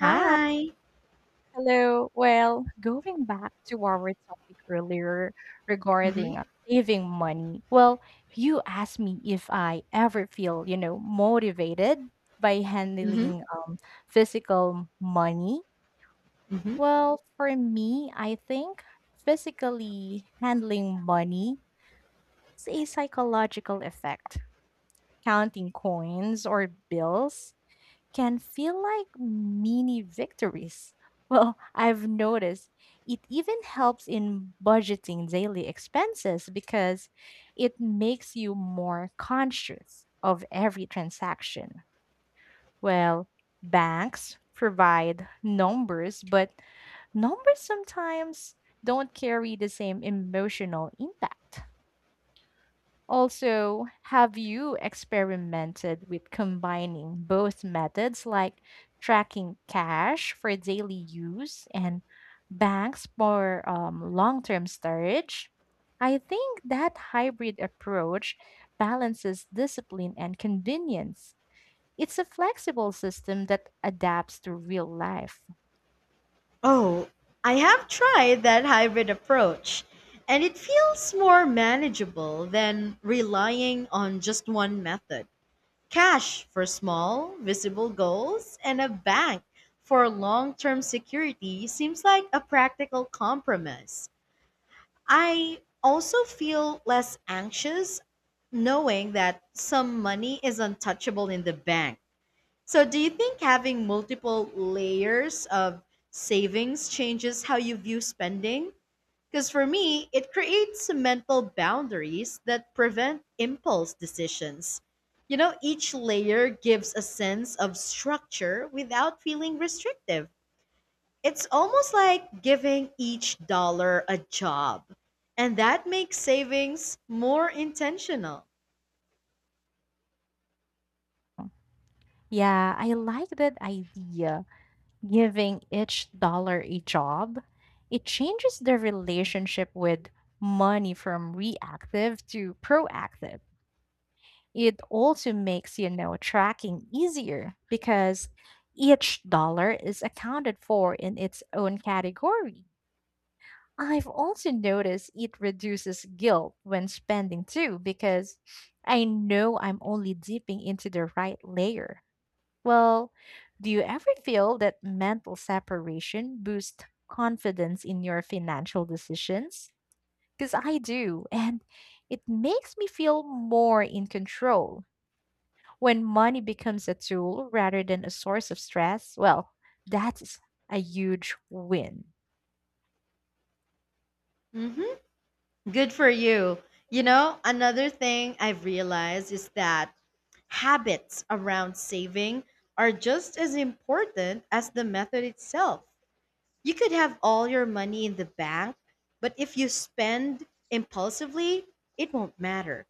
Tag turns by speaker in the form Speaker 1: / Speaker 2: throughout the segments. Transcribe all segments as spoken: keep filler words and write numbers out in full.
Speaker 1: Hi,
Speaker 2: Hi.
Speaker 1: hello. Well, going back to our topic earlier
Speaker 2: Mhm.
Speaker 1: regarding uh, saving money. Well, you asked me if I ever feel, you know, motivated by
Speaker 2: Mhm.
Speaker 1: handling um, physical money.
Speaker 2: Mhm.
Speaker 1: Well, for me, I think physically handling money is a psychological effect. Counting coins or bills can feel like mini victories. Well, I've noticed it even helps in budgeting daily expenses because it makes you more conscious of every transaction. Well, banks provide numbers, but numbers sometimes don't carry the same emotional impact. Also, have you experimented with combining both methods like tracking cash for daily use and banks for um, long term storage? I think that hybrid approach balances discipline and convenience. It's a flexible system that adapts to real life.
Speaker 2: Oh, I have tried that hybrid approach, and it feels more manageable than relying on just one method. Cash for small, visible goals and a bank for long-term security seems like a practical compromise. I also feel less anxious knowing that some money is untouchable in the bank. So, do you think having multiple layers of savings changes how you view spending? Because for me, it creates mental boundaries that prevent impulse decisions. You know, each layer gives a sense of structure without feeling restrictive. It's almost like giving each dollar a job, and that makes savings more intentional.
Speaker 1: Yeah, I like that idea giving each dollar a job, it changes their relationship with money from reactive to proactive. It also makes, you know, tracking easier because each dollar is accounted for in its own category. I've also noticed it reduces guilt when spending too because I know I'm only dipping into the right layer. Well, do you ever feel that mental separation boosts confidence in your financial decisions? Because I do, and it makes me feel more in control. When money becomes a tool rather than a source of stress, well, that's a huge win.
Speaker 2: Mhm. Good for you. You know, another thing I've realized is that habits around saving are just as important as the method itself. You could have all your money in the bank, but if you spend impulsively, it won't matter.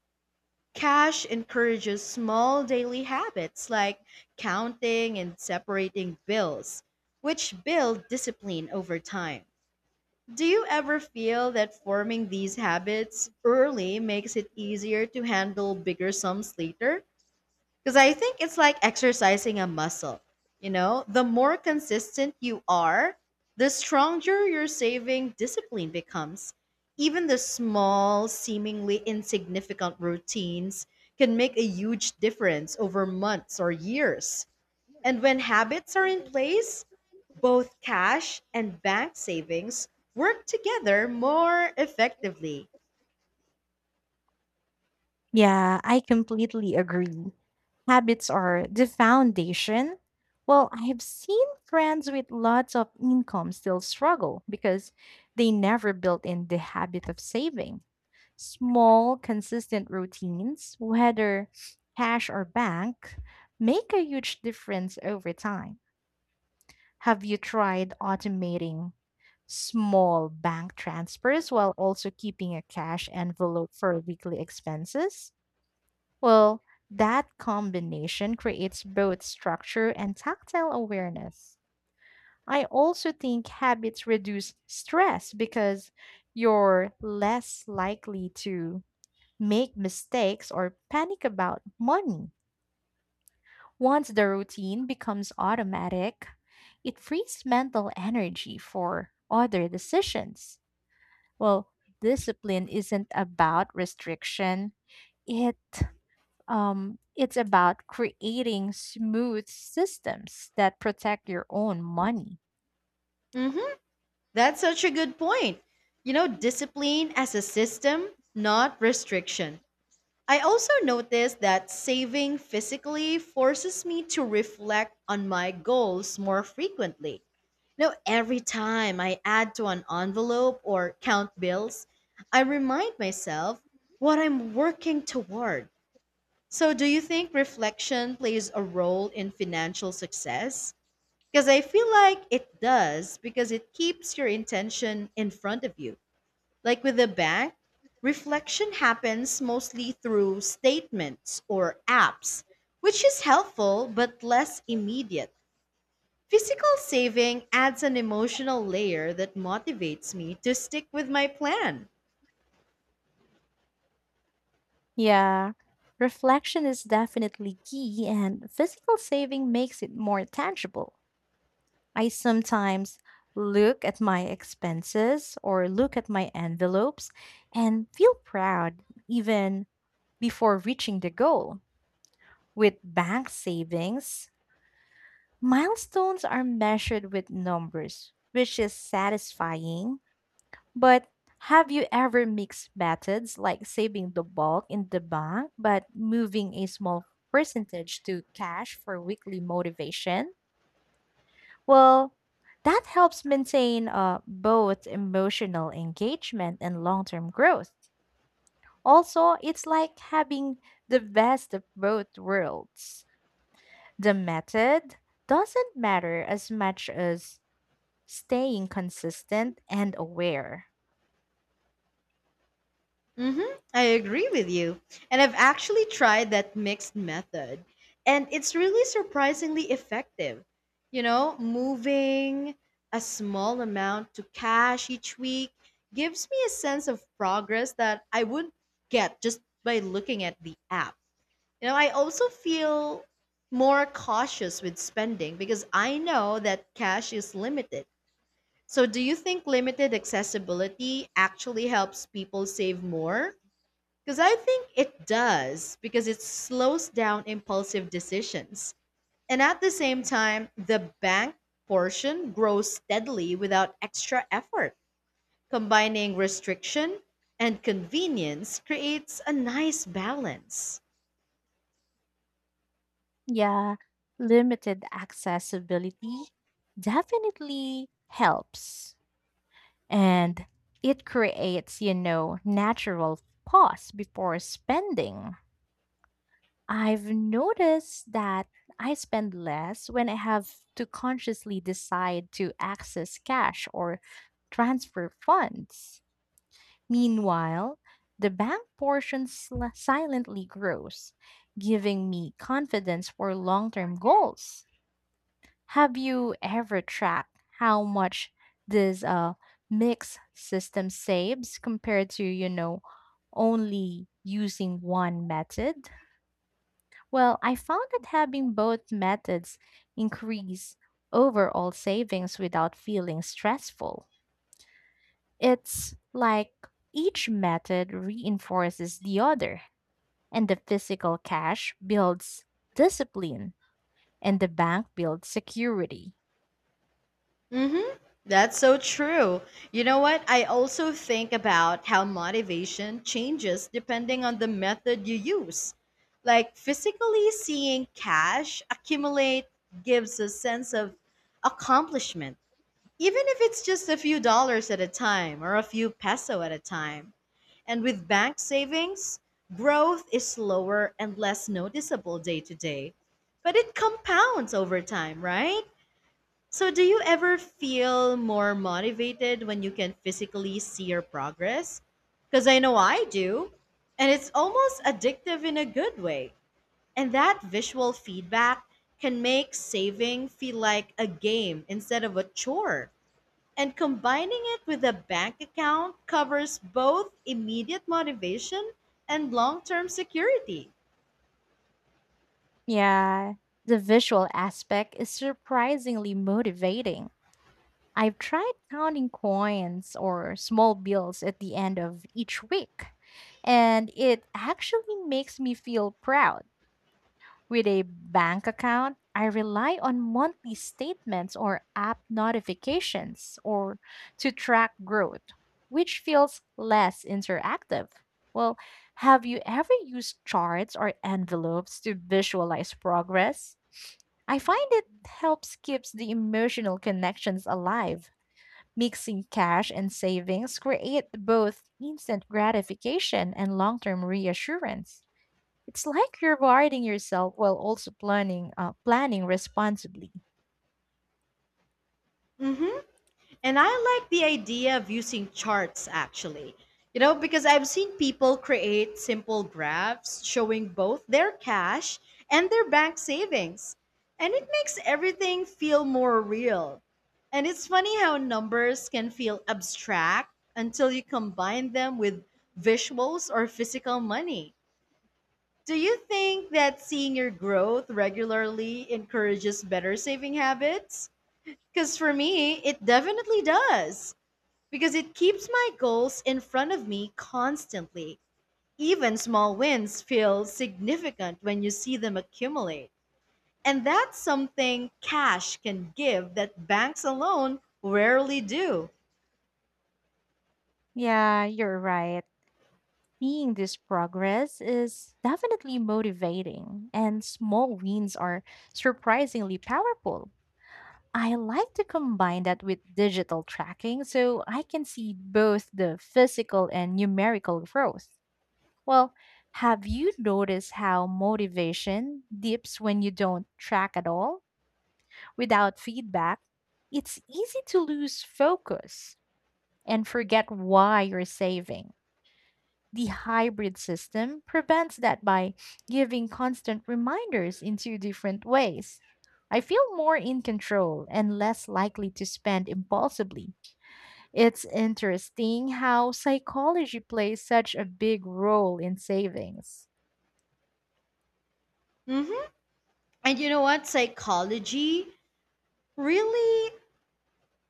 Speaker 2: Cash encourages small daily habits like counting and separating bills, which build discipline over time. Do you ever feel that forming these habits early makes it easier to handle bigger sums later? Because I think it's like exercising a muscle. You know, the more consistent you are, the stronger your saving discipline becomes. Even the small, seemingly insignificant routines can make a huge difference over months or years. And when habits are in place, both cash and bank savings work together more effectively.
Speaker 1: Yeah, I completely agree. Habits are the foundation. Well, I've seen friends with lots of income still struggle because they never built in the habit of saving. Small, consistent routines, whether cash or bank, make a huge difference over time. Have you tried automating small bank transfers while also keeping a cash envelope for weekly expenses? Well, that combination creates both structure and tactile awareness. I also think habits reduce stress because you're less likely to make mistakes or panic about money. Once the routine becomes automatic, it frees mental energy for other decisions. Well, discipline isn't about restriction, it Um, it's about creating smooth systems that protect your own money.
Speaker 2: Mhm. That's such a good point. You know, discipline as a system, not restriction. I also noticed that saving physically forces me to reflect on my goals more frequently. Now, every time I add to an envelope or count bills, I remind myself what I'm working toward. So, do you think reflection plays a role in financial success? Because I feel like it does, because it keeps your intention in front of you. Like with the bank, reflection happens mostly through statements or apps, which is helpful but less immediate. Physical saving adds an emotional layer that motivates me to stick with my plan.
Speaker 1: Yeah, reflection is definitely key, and physical saving makes it more tangible. I sometimes look at my expenses or look at my envelopes and feel proud even before reaching the goal. With bank savings, milestones are measured with numbers, which is satisfying. But have you ever mixed methods like saving the bulk in the bank but moving a small percentage to cash for weekly motivation? Well, that helps maintain uh, both emotional engagement and long term growth. Also, it's like having the best of both worlds. The method doesn't matter as much as staying consistent and aware.
Speaker 2: Mm-hmm. I agree with you. And I've actually tried that mixed method, and it's really surprisingly effective. You know, moving a small amount to cash each week gives me a sense of progress that I wouldn't get just by looking at the app. You know, I also feel more cautious with spending because I know that cash is limited. So, do you think limited accessibility actually helps people save more? Because I think it does, because it slows down impulsive decisions. And at the same time, the bank portion grows steadily without extra effort. Combining restriction and convenience creates a nice balance.
Speaker 1: Yeah, limited accessibility definitely helps. And it creates, you know, natural pause before spending. I've noticed that I spend less when I have to consciously decide to access cash or transfer funds. Meanwhile, the bank portion sl- silently grows, giving me confidence for long term goals. Have you ever tracked how much this uh, mixed system saves compared to, you know, only using one method? Well, I found that having both methods increase overall savings without feeling stressful. It's like each method reinforces the other, and the physical cash builds discipline and the bank builds security.
Speaker 2: Mm-hmm. That's so true. You know what? I also think about how motivation changes depending on the method you use. Like physically seeing cash accumulate gives a sense of accomplishment, even if it's just a few dollars at a time or a few peso at a time. And with bank savings, growth is slower and less noticeable day to day, but it compounds over time, right? So, do you ever feel more motivated when you can physically see your progress? Because I know I do. And it's almost addictive in a good way. And that visual feedback can make saving feel like a game instead of a chore. And combining it with a bank account covers both immediate motivation and long term security.
Speaker 1: Yeah, the visual aspect is surprisingly motivating. I've tried counting coins or small bills at the end of each week, and it actually makes me feel proud. With a bank account, I rely on monthly statements or app notifications or to track growth, which feels less interactive. Well, have you ever used charts or envelopes to visualize progress? I find it helps keeps the emotional connections alive. Mixing cash and savings create both instant gratification and long-term reassurance. It's like rewarding yourself while also planning uh, planning responsibly.
Speaker 2: Hmm. And I like the idea of using charts actually. You know, because I've seen people create simple graphs showing both their cash and their bank savings. And it makes everything feel more real. And it's funny how numbers can feel abstract until you combine them with visuals or physical money. Do you think that seeing your growth regularly encourages better saving habits? Because for me, it definitely does because it keeps my goals in front of me constantly. Even small wins feel significant when you see them accumulate. And that's something cash can give that banks alone rarely do.
Speaker 1: Yeah, you're right. Seeing this progress is definitely motivating, and small wins are surprisingly powerful. I like to combine that with digital tracking so I can see both the physical and numerical growth. Well, have you noticed how motivation dips when you don't track at all? Without feedback, it's easy to lose focus and forget why you're saving. The hybrid system prevents that by giving constant reminders in two different ways. I feel more in control and less likely to spend impulsively. It's interesting how psychology plays such a big role in savings.
Speaker 2: Hmm. And you know what? Psychology really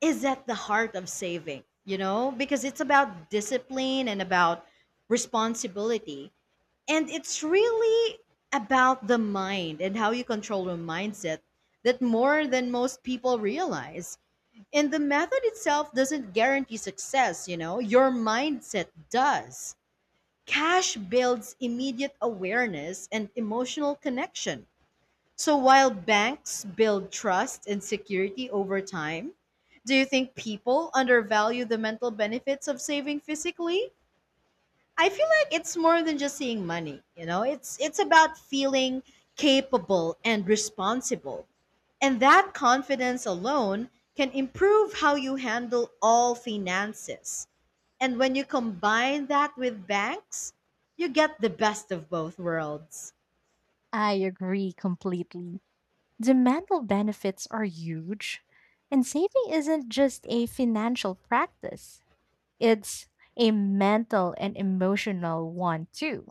Speaker 2: is at the heart of saving, you know, because it's about discipline and about responsibility. And it's really about the mind and how you control your mindset that more than most people realize. And the method itself doesn't guarantee success, you know, your mindset does. Cash builds immediate awareness and emotional connection. So while banks build trust and security over time, do you think people undervalue the mental benefits of saving physically? I feel like it's more than just seeing money, you know? It's it's about feeling capable and responsible. And that confidence alone can improve how you handle all finances. And when you combine that with banks, you get the best of both worlds.
Speaker 1: I agree completely. The mental benefits are huge, and saving isn't just a financial practice, it's a mental and emotional one too.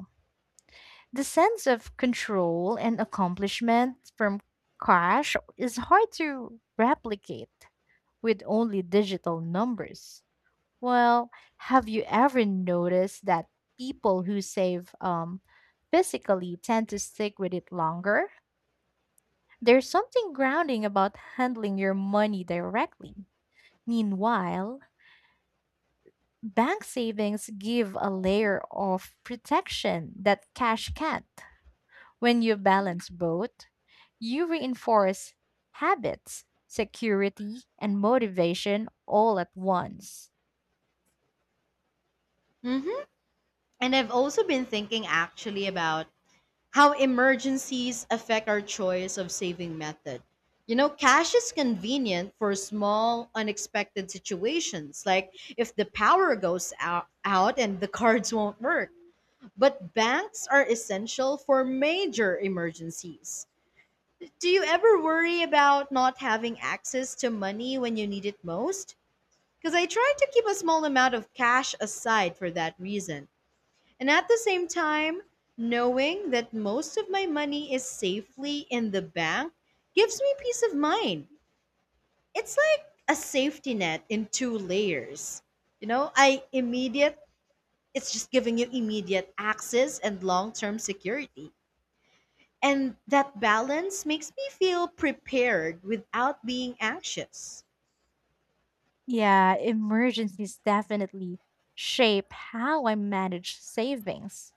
Speaker 1: The sense of control and accomplishment from cash is hard to replicate with only digital numbers. Well, have you ever noticed that people who save um, physically tend to stick with it longer? There's something grounding about handling your money directly. Meanwhile, bank savings give a layer of protection that cash can't. When you balance both, you reinforce habits, security, and motivation all at once.
Speaker 2: Hmm. And I've also been thinking actually about how emergencies affect our choice of saving method. You know, cash is convenient for small, unexpected situations, like if the power goes out, out and the cards won't work. But banks are essential for major emergencies. Do you ever worry about not having access to money when you need it most? Because I try to keep a small amount of cash aside for that reason. And at the same time, knowing that most of my money is safely in the bank gives me peace of mind. It's like a safety net in two layers. You know, I immediate, it's just giving you immediate access and long term security. And that balance makes me feel prepared without being anxious.
Speaker 1: Yeah, emergencies definitely shape how I manage savings.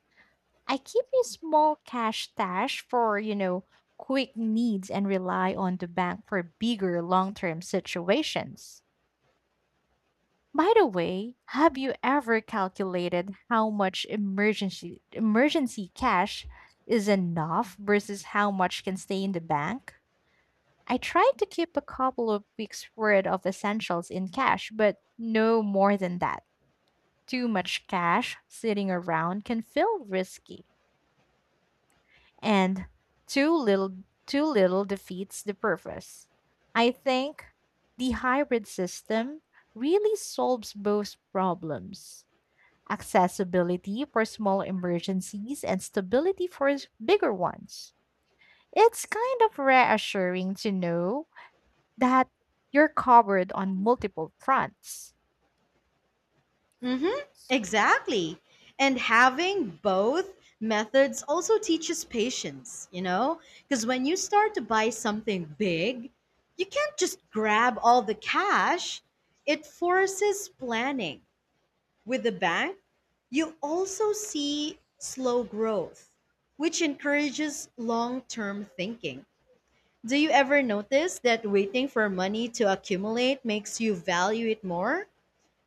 Speaker 1: I keep a small cash stash for, you know, quick needs and rely on the bank for bigger long-term situations. By the way, have you ever calculated how much emergency emergency cash is enough versus how much can stay in the bank? I tried to keep a couple of weeks worth of essentials in cash, but no more than that. Too much cash sitting around can feel risky, and too little too little defeats the purpose. I think the hybrid system really solves both problems. Accessibility for small emergencies and stability for s- bigger ones. It's kind of reassuring to know that you're covered on multiple fronts.
Speaker 2: Mm-hmm, exactly. And having both methods also teaches patience, you know? Because when you start to buy something big, you can't just grab all the cash. It forces planning. With the bank, you also see slow growth, which encourages long term thinking. Do you ever notice that waiting for money to accumulate makes you value it more?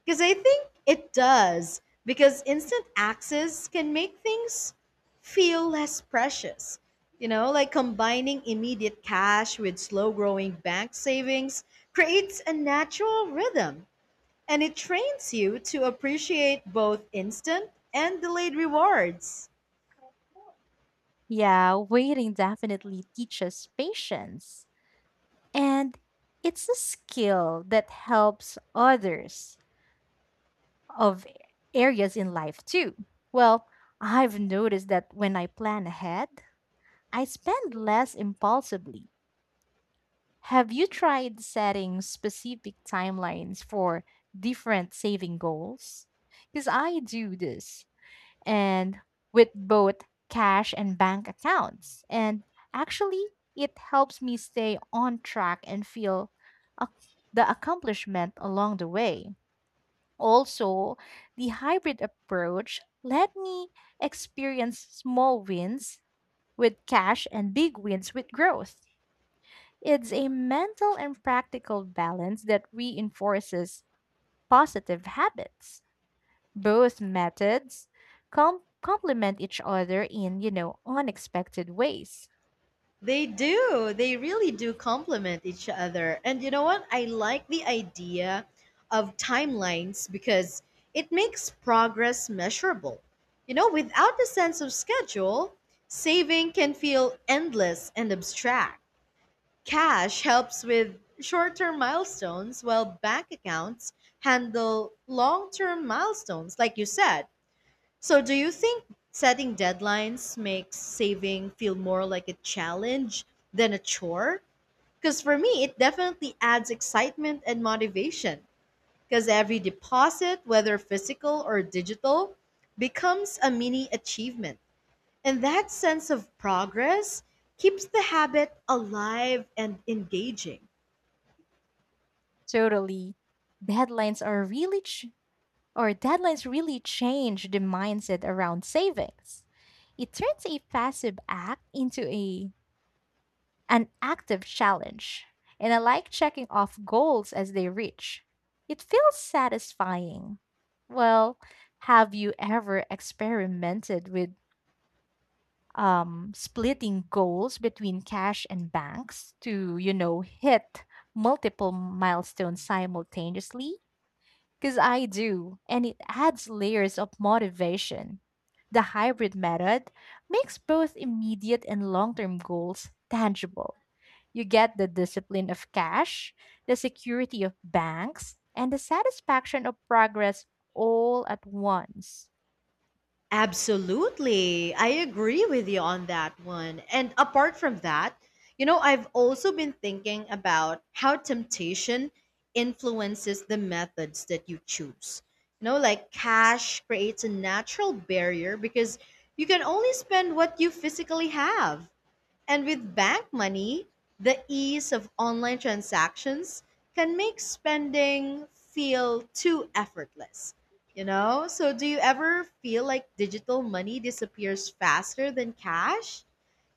Speaker 2: Because I think it does. Because instant access can make things feel less precious. You know, like combining immediate cash with slow growing bank savings creates a natural rhythm and it trains you to appreciate both instant and delayed rewards.
Speaker 1: Yeah, waiting definitely teaches patience. And it's a skill that helps others of areas in life too. Well, I've noticed that when I plan ahead, I spend less impulsively. Have you tried setting specific timelines for different saving goals? Because I do this and with both cash and bank accounts. And actually, it helps me stay on track and feel ac- the accomplishment along the way. Also, the hybrid approach let me experience small wins with cash and big wins with growth. It's a mental and practical balance that reinforces positive habits. Both methods com- complement each other in, you know, unexpected ways.
Speaker 2: They do. They really do complement each other. And you know what? I like the idea of timelines because it makes progress measurable. You know, without a sense of schedule, saving can feel endless and abstract. Cash helps with short term milestones, while bank accounts handle long term milestones, like you said. So, do you think setting deadlines makes saving feel more like a challenge than a chore? Because for me, it definitely adds excitement and motivation. Because every deposit, whether physical or digital, becomes a mini achievement. And that sense of progress keeps the habit alive and engaging.
Speaker 1: Totally. Deadlines are really ch- or deadlines really change the mindset around savings. It turns a passive act into a an active challenge. And I like checking off goals as they reach. It feels satisfying. Well, have you ever experimented with um, splitting goals between cash and banks to, you know, hit multiple milestones simultaneously? Because I do, and it adds layers of motivation. The hybrid method makes both immediate and long term goals tangible. You get the discipline of cash, the security of banks, and the satisfaction of progress all at once.
Speaker 2: Absolutely. I agree with you on that one. And apart from that, you know, I've also been thinking about how temptation influences the methods that you choose. You know, like cash creates a natural barrier because you can only spend what you physically have. And with bank money, the ease of online transactions can make spending feel too effortless. You know? So, do you ever feel like digital money disappears faster than cash?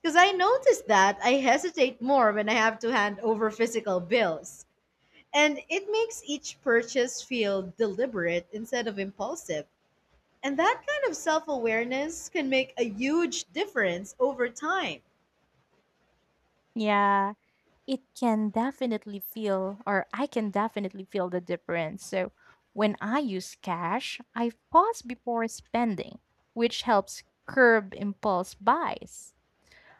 Speaker 2: Because I noticed that I hesitate more when I have to hand over physical bills. And it makes each purchase feel deliberate instead of impulsive. And that kind of self awareness can make a huge difference over time.
Speaker 1: Yeah, it can definitely feel or I can definitely feel the difference. So when I use cash, I pause before spending, which helps curb impulse buys.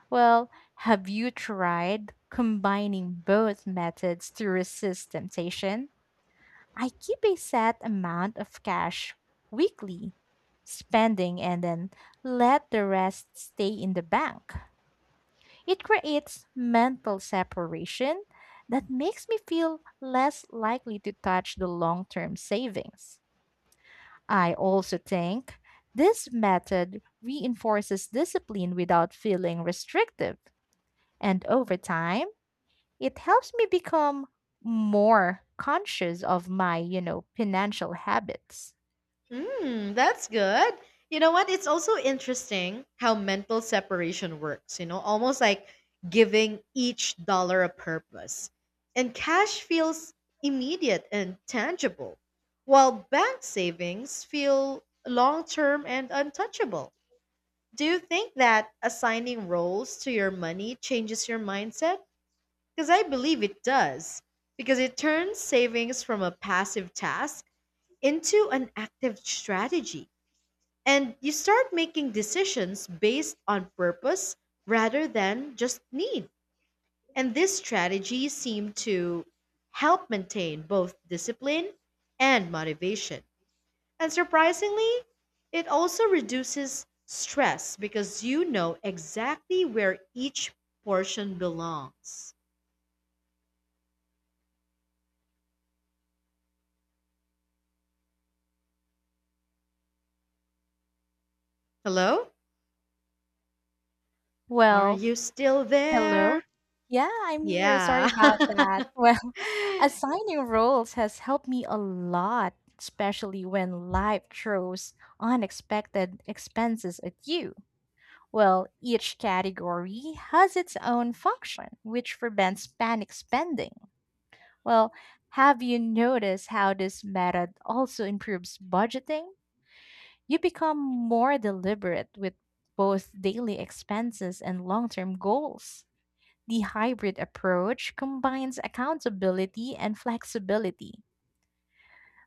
Speaker 1: Well, have you tried combining both methods to resist temptation? I keep a set amount of cash weekly spending and then let the rest stay in the bank. It creates mental separation that makes me feel less likely to touch the long term savings. I also think this method reinforces discipline without feeling restrictive. And over time, it helps me become more conscious of my, you know, financial habits.
Speaker 2: Mm, that's good. You know what? It's also interesting how mental separation works, you know, almost like giving each dollar a purpose. And cash feels immediate and tangible, while bank savings feel long term and untouchable. Do you think that assigning roles to your money changes your mindset? Because I believe it does, because it turns savings from a passive task into an active strategy. And you start making decisions based on purpose rather than just need. And this strategy seemed to help maintain both discipline and motivation. And surprisingly, it also reduces stress because you know exactly where each portion belongs. Hello? Are
Speaker 1: Well,
Speaker 2: you still
Speaker 1: hello.
Speaker 2: there?
Speaker 1: Yeah, I'm here. Sorry
Speaker 2: Yeah.
Speaker 1: about that. Well,
Speaker 2: Hmm.
Speaker 1: assigning roles has helped me a lot, especially when life throws unexpected expenses at you. Well, each category has its own function, which prevents panic spending. Well, have you noticed how this method also improves budgeting? You become more deliberate with both daily expenses and long term goals. The hybrid approach combines accountability and flexibility,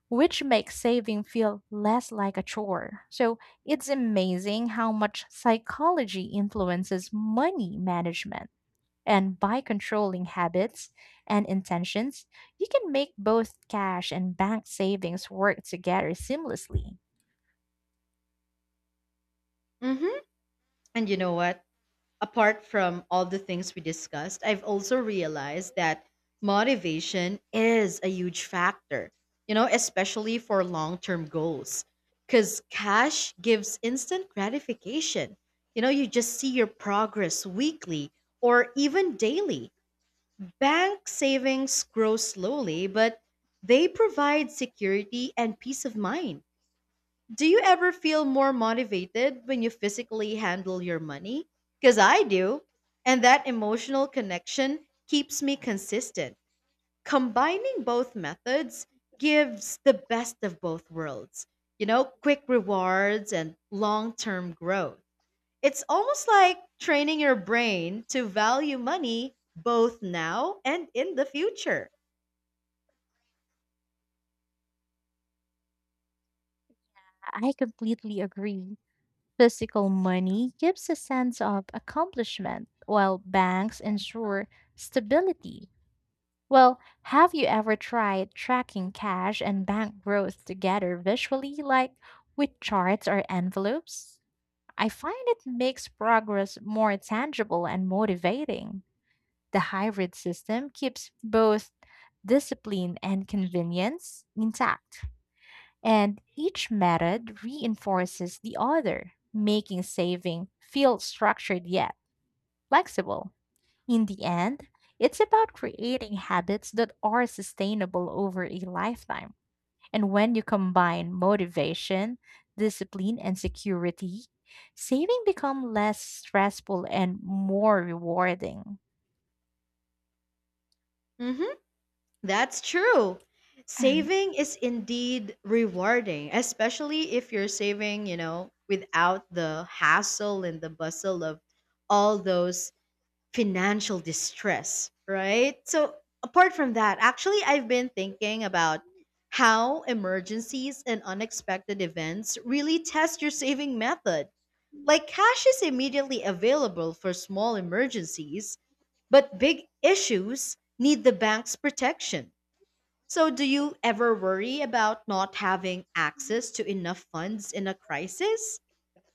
Speaker 1: which makes saving feel less like a chore. So it's amazing how much psychology influences money management. And by controlling habits and intentions, you can make both cash and bank savings work together seamlessly.
Speaker 2: And you know what? Apart from all the things we discussed, I've also realized that motivation is a huge factor, you know, especially for long term goals. Because cash gives instant gratification. You know, you just see your progress weekly or even daily. Bank savings grow slowly, but they provide security and peace of mind. Do you ever feel more motivated when you physically handle your money? Because I do. And that emotional connection keeps me consistent. Combining both methods gives the best of both worlds, you know, quick rewards and long term growth. It's almost like training your brain to value money both now and in the future.
Speaker 1: I completely agree. Physical money gives a sense of accomplishment, while banks ensure stability. Well, have you ever tried tracking cash and bank growth together visually, like with charts or envelopes? I find it makes progress more tangible and motivating. The hybrid system keeps both discipline and convenience intact, and each method reinforces the other, making saving feel structured yet flexible. In the end, it's about creating habits that are sustainable over a lifetime. And when you combine motivation, discipline, and security, saving become less stressful and more rewarding.
Speaker 2: Hmm. That's true. Saving is indeed rewarding, especially if you're saving, you know, without the hassle and the bustle of all those financial distress, right? So, apart from that, actually, I've been thinking about how emergencies and unexpected events really test your saving method. Like, cash is immediately available for small emergencies, but big issues need the bank's protection. So, do you ever worry about not having access to enough funds in a crisis?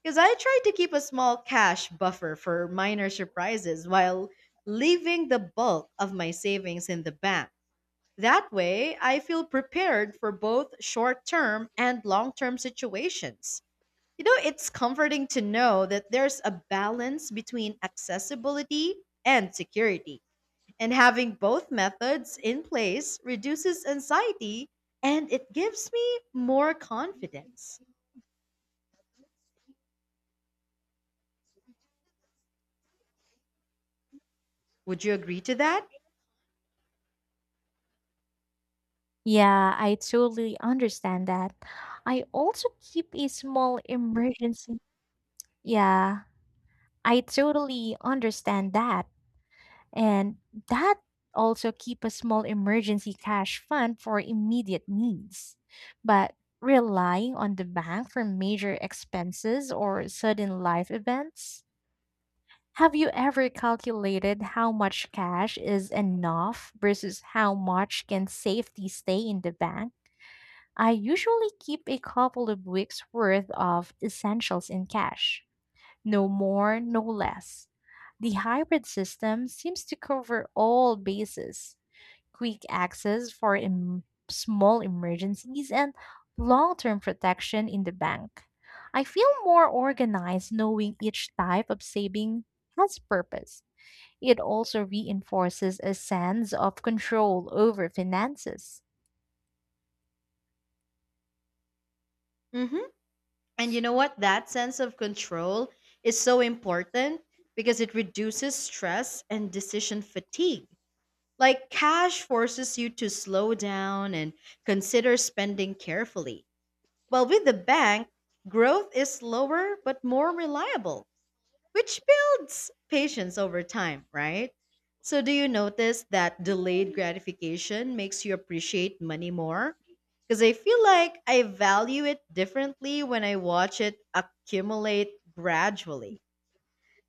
Speaker 2: Because I try to keep a small cash buffer for minor surprises while leaving the bulk of my savings in the bank. That way, I feel prepared for both short term and long term situations. You know, it's comforting to know that there's a balance between accessibility and security. And having both methods in place reduces anxiety and it gives me more confidence. Would you agree to that?
Speaker 1: Yeah, I totally understand that. I also keep a small emergency. Yeah, I totally understand that. And that also keep a small emergency cash fund for immediate needs. But relying on the bank for major expenses or sudden life events, have you ever calculated how much cash is enough versus how much can safely stay in the bank? I usually keep a couple of weeks worth of essentials in cash. No more, no less. The hybrid system seems to cover all bases quick access for em- small emergencies and long term protection in the bank. I feel more organized knowing each type of saving has purpose. It also reinforces a sense of control over finances.
Speaker 2: Hmm. And you know what? That sense of control is so important because it reduces stress and decision fatigue. Like, cash forces you to slow down and consider spending carefully. While with the bank, growth is slower but more reliable, which builds patience over time, right? So, do you notice that delayed gratification makes you appreciate money more? Because I feel like I value it differently when I watch it accumulate gradually.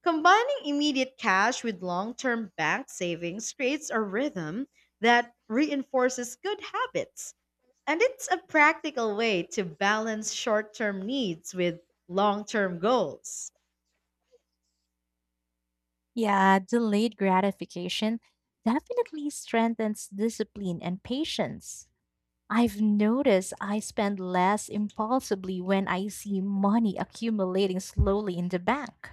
Speaker 2: Combining immediate cash with long term bank savings creates a rhythm that reinforces good habits. And it's a practical way to balance short term needs with long term goals.
Speaker 1: Yeah, delayed gratification definitely strengthens discipline and patience. I've noticed I spend less impulsively when I see money accumulating slowly in the bank.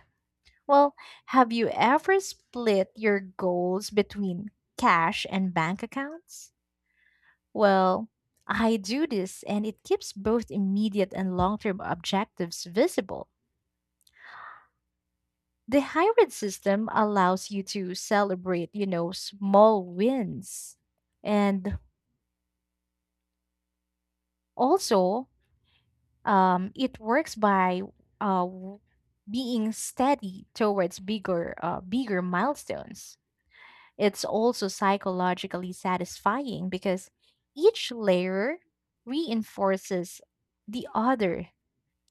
Speaker 1: Well, have you ever split your goals between cash and bank accounts? Well, I do this and it keeps both immediate and long term objectives visible. The hybrid system allows you to celebrate, you know, small wins. And also, Um, it works by uh, w- being steady towards bigger, uh, bigger milestones. It's also psychologically satisfying because each layer reinforces the other,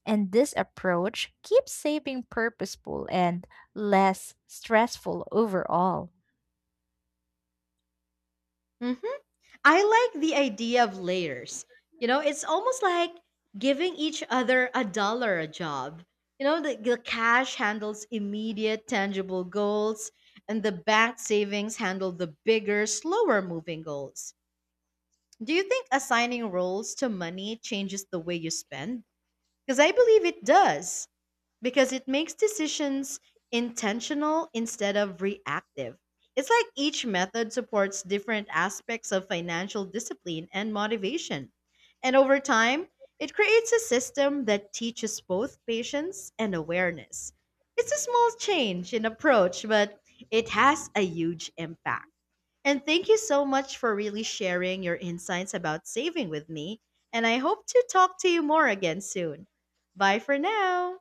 Speaker 1: and this approach keeps saving purposeful and less stressful overall.
Speaker 2: Mhm. I like the idea of layers. You know, it's almost like giving each other a dollar a job. You know, the, the cash handles immediate, tangible goals, and the bank savings handle the bigger, slower moving goals. Do you think assigning roles to money changes the way you spend? Because I believe it does because it makes decisions intentional instead of reactive. It's like each method supports different aspects of financial discipline and motivation. And over time, it creates a system that teaches both patience and awareness. It's a small change in approach, but it has a huge impact. And thank you so much for really sharing your insights about saving with me. And I hope to talk to you more again soon. Bye for now.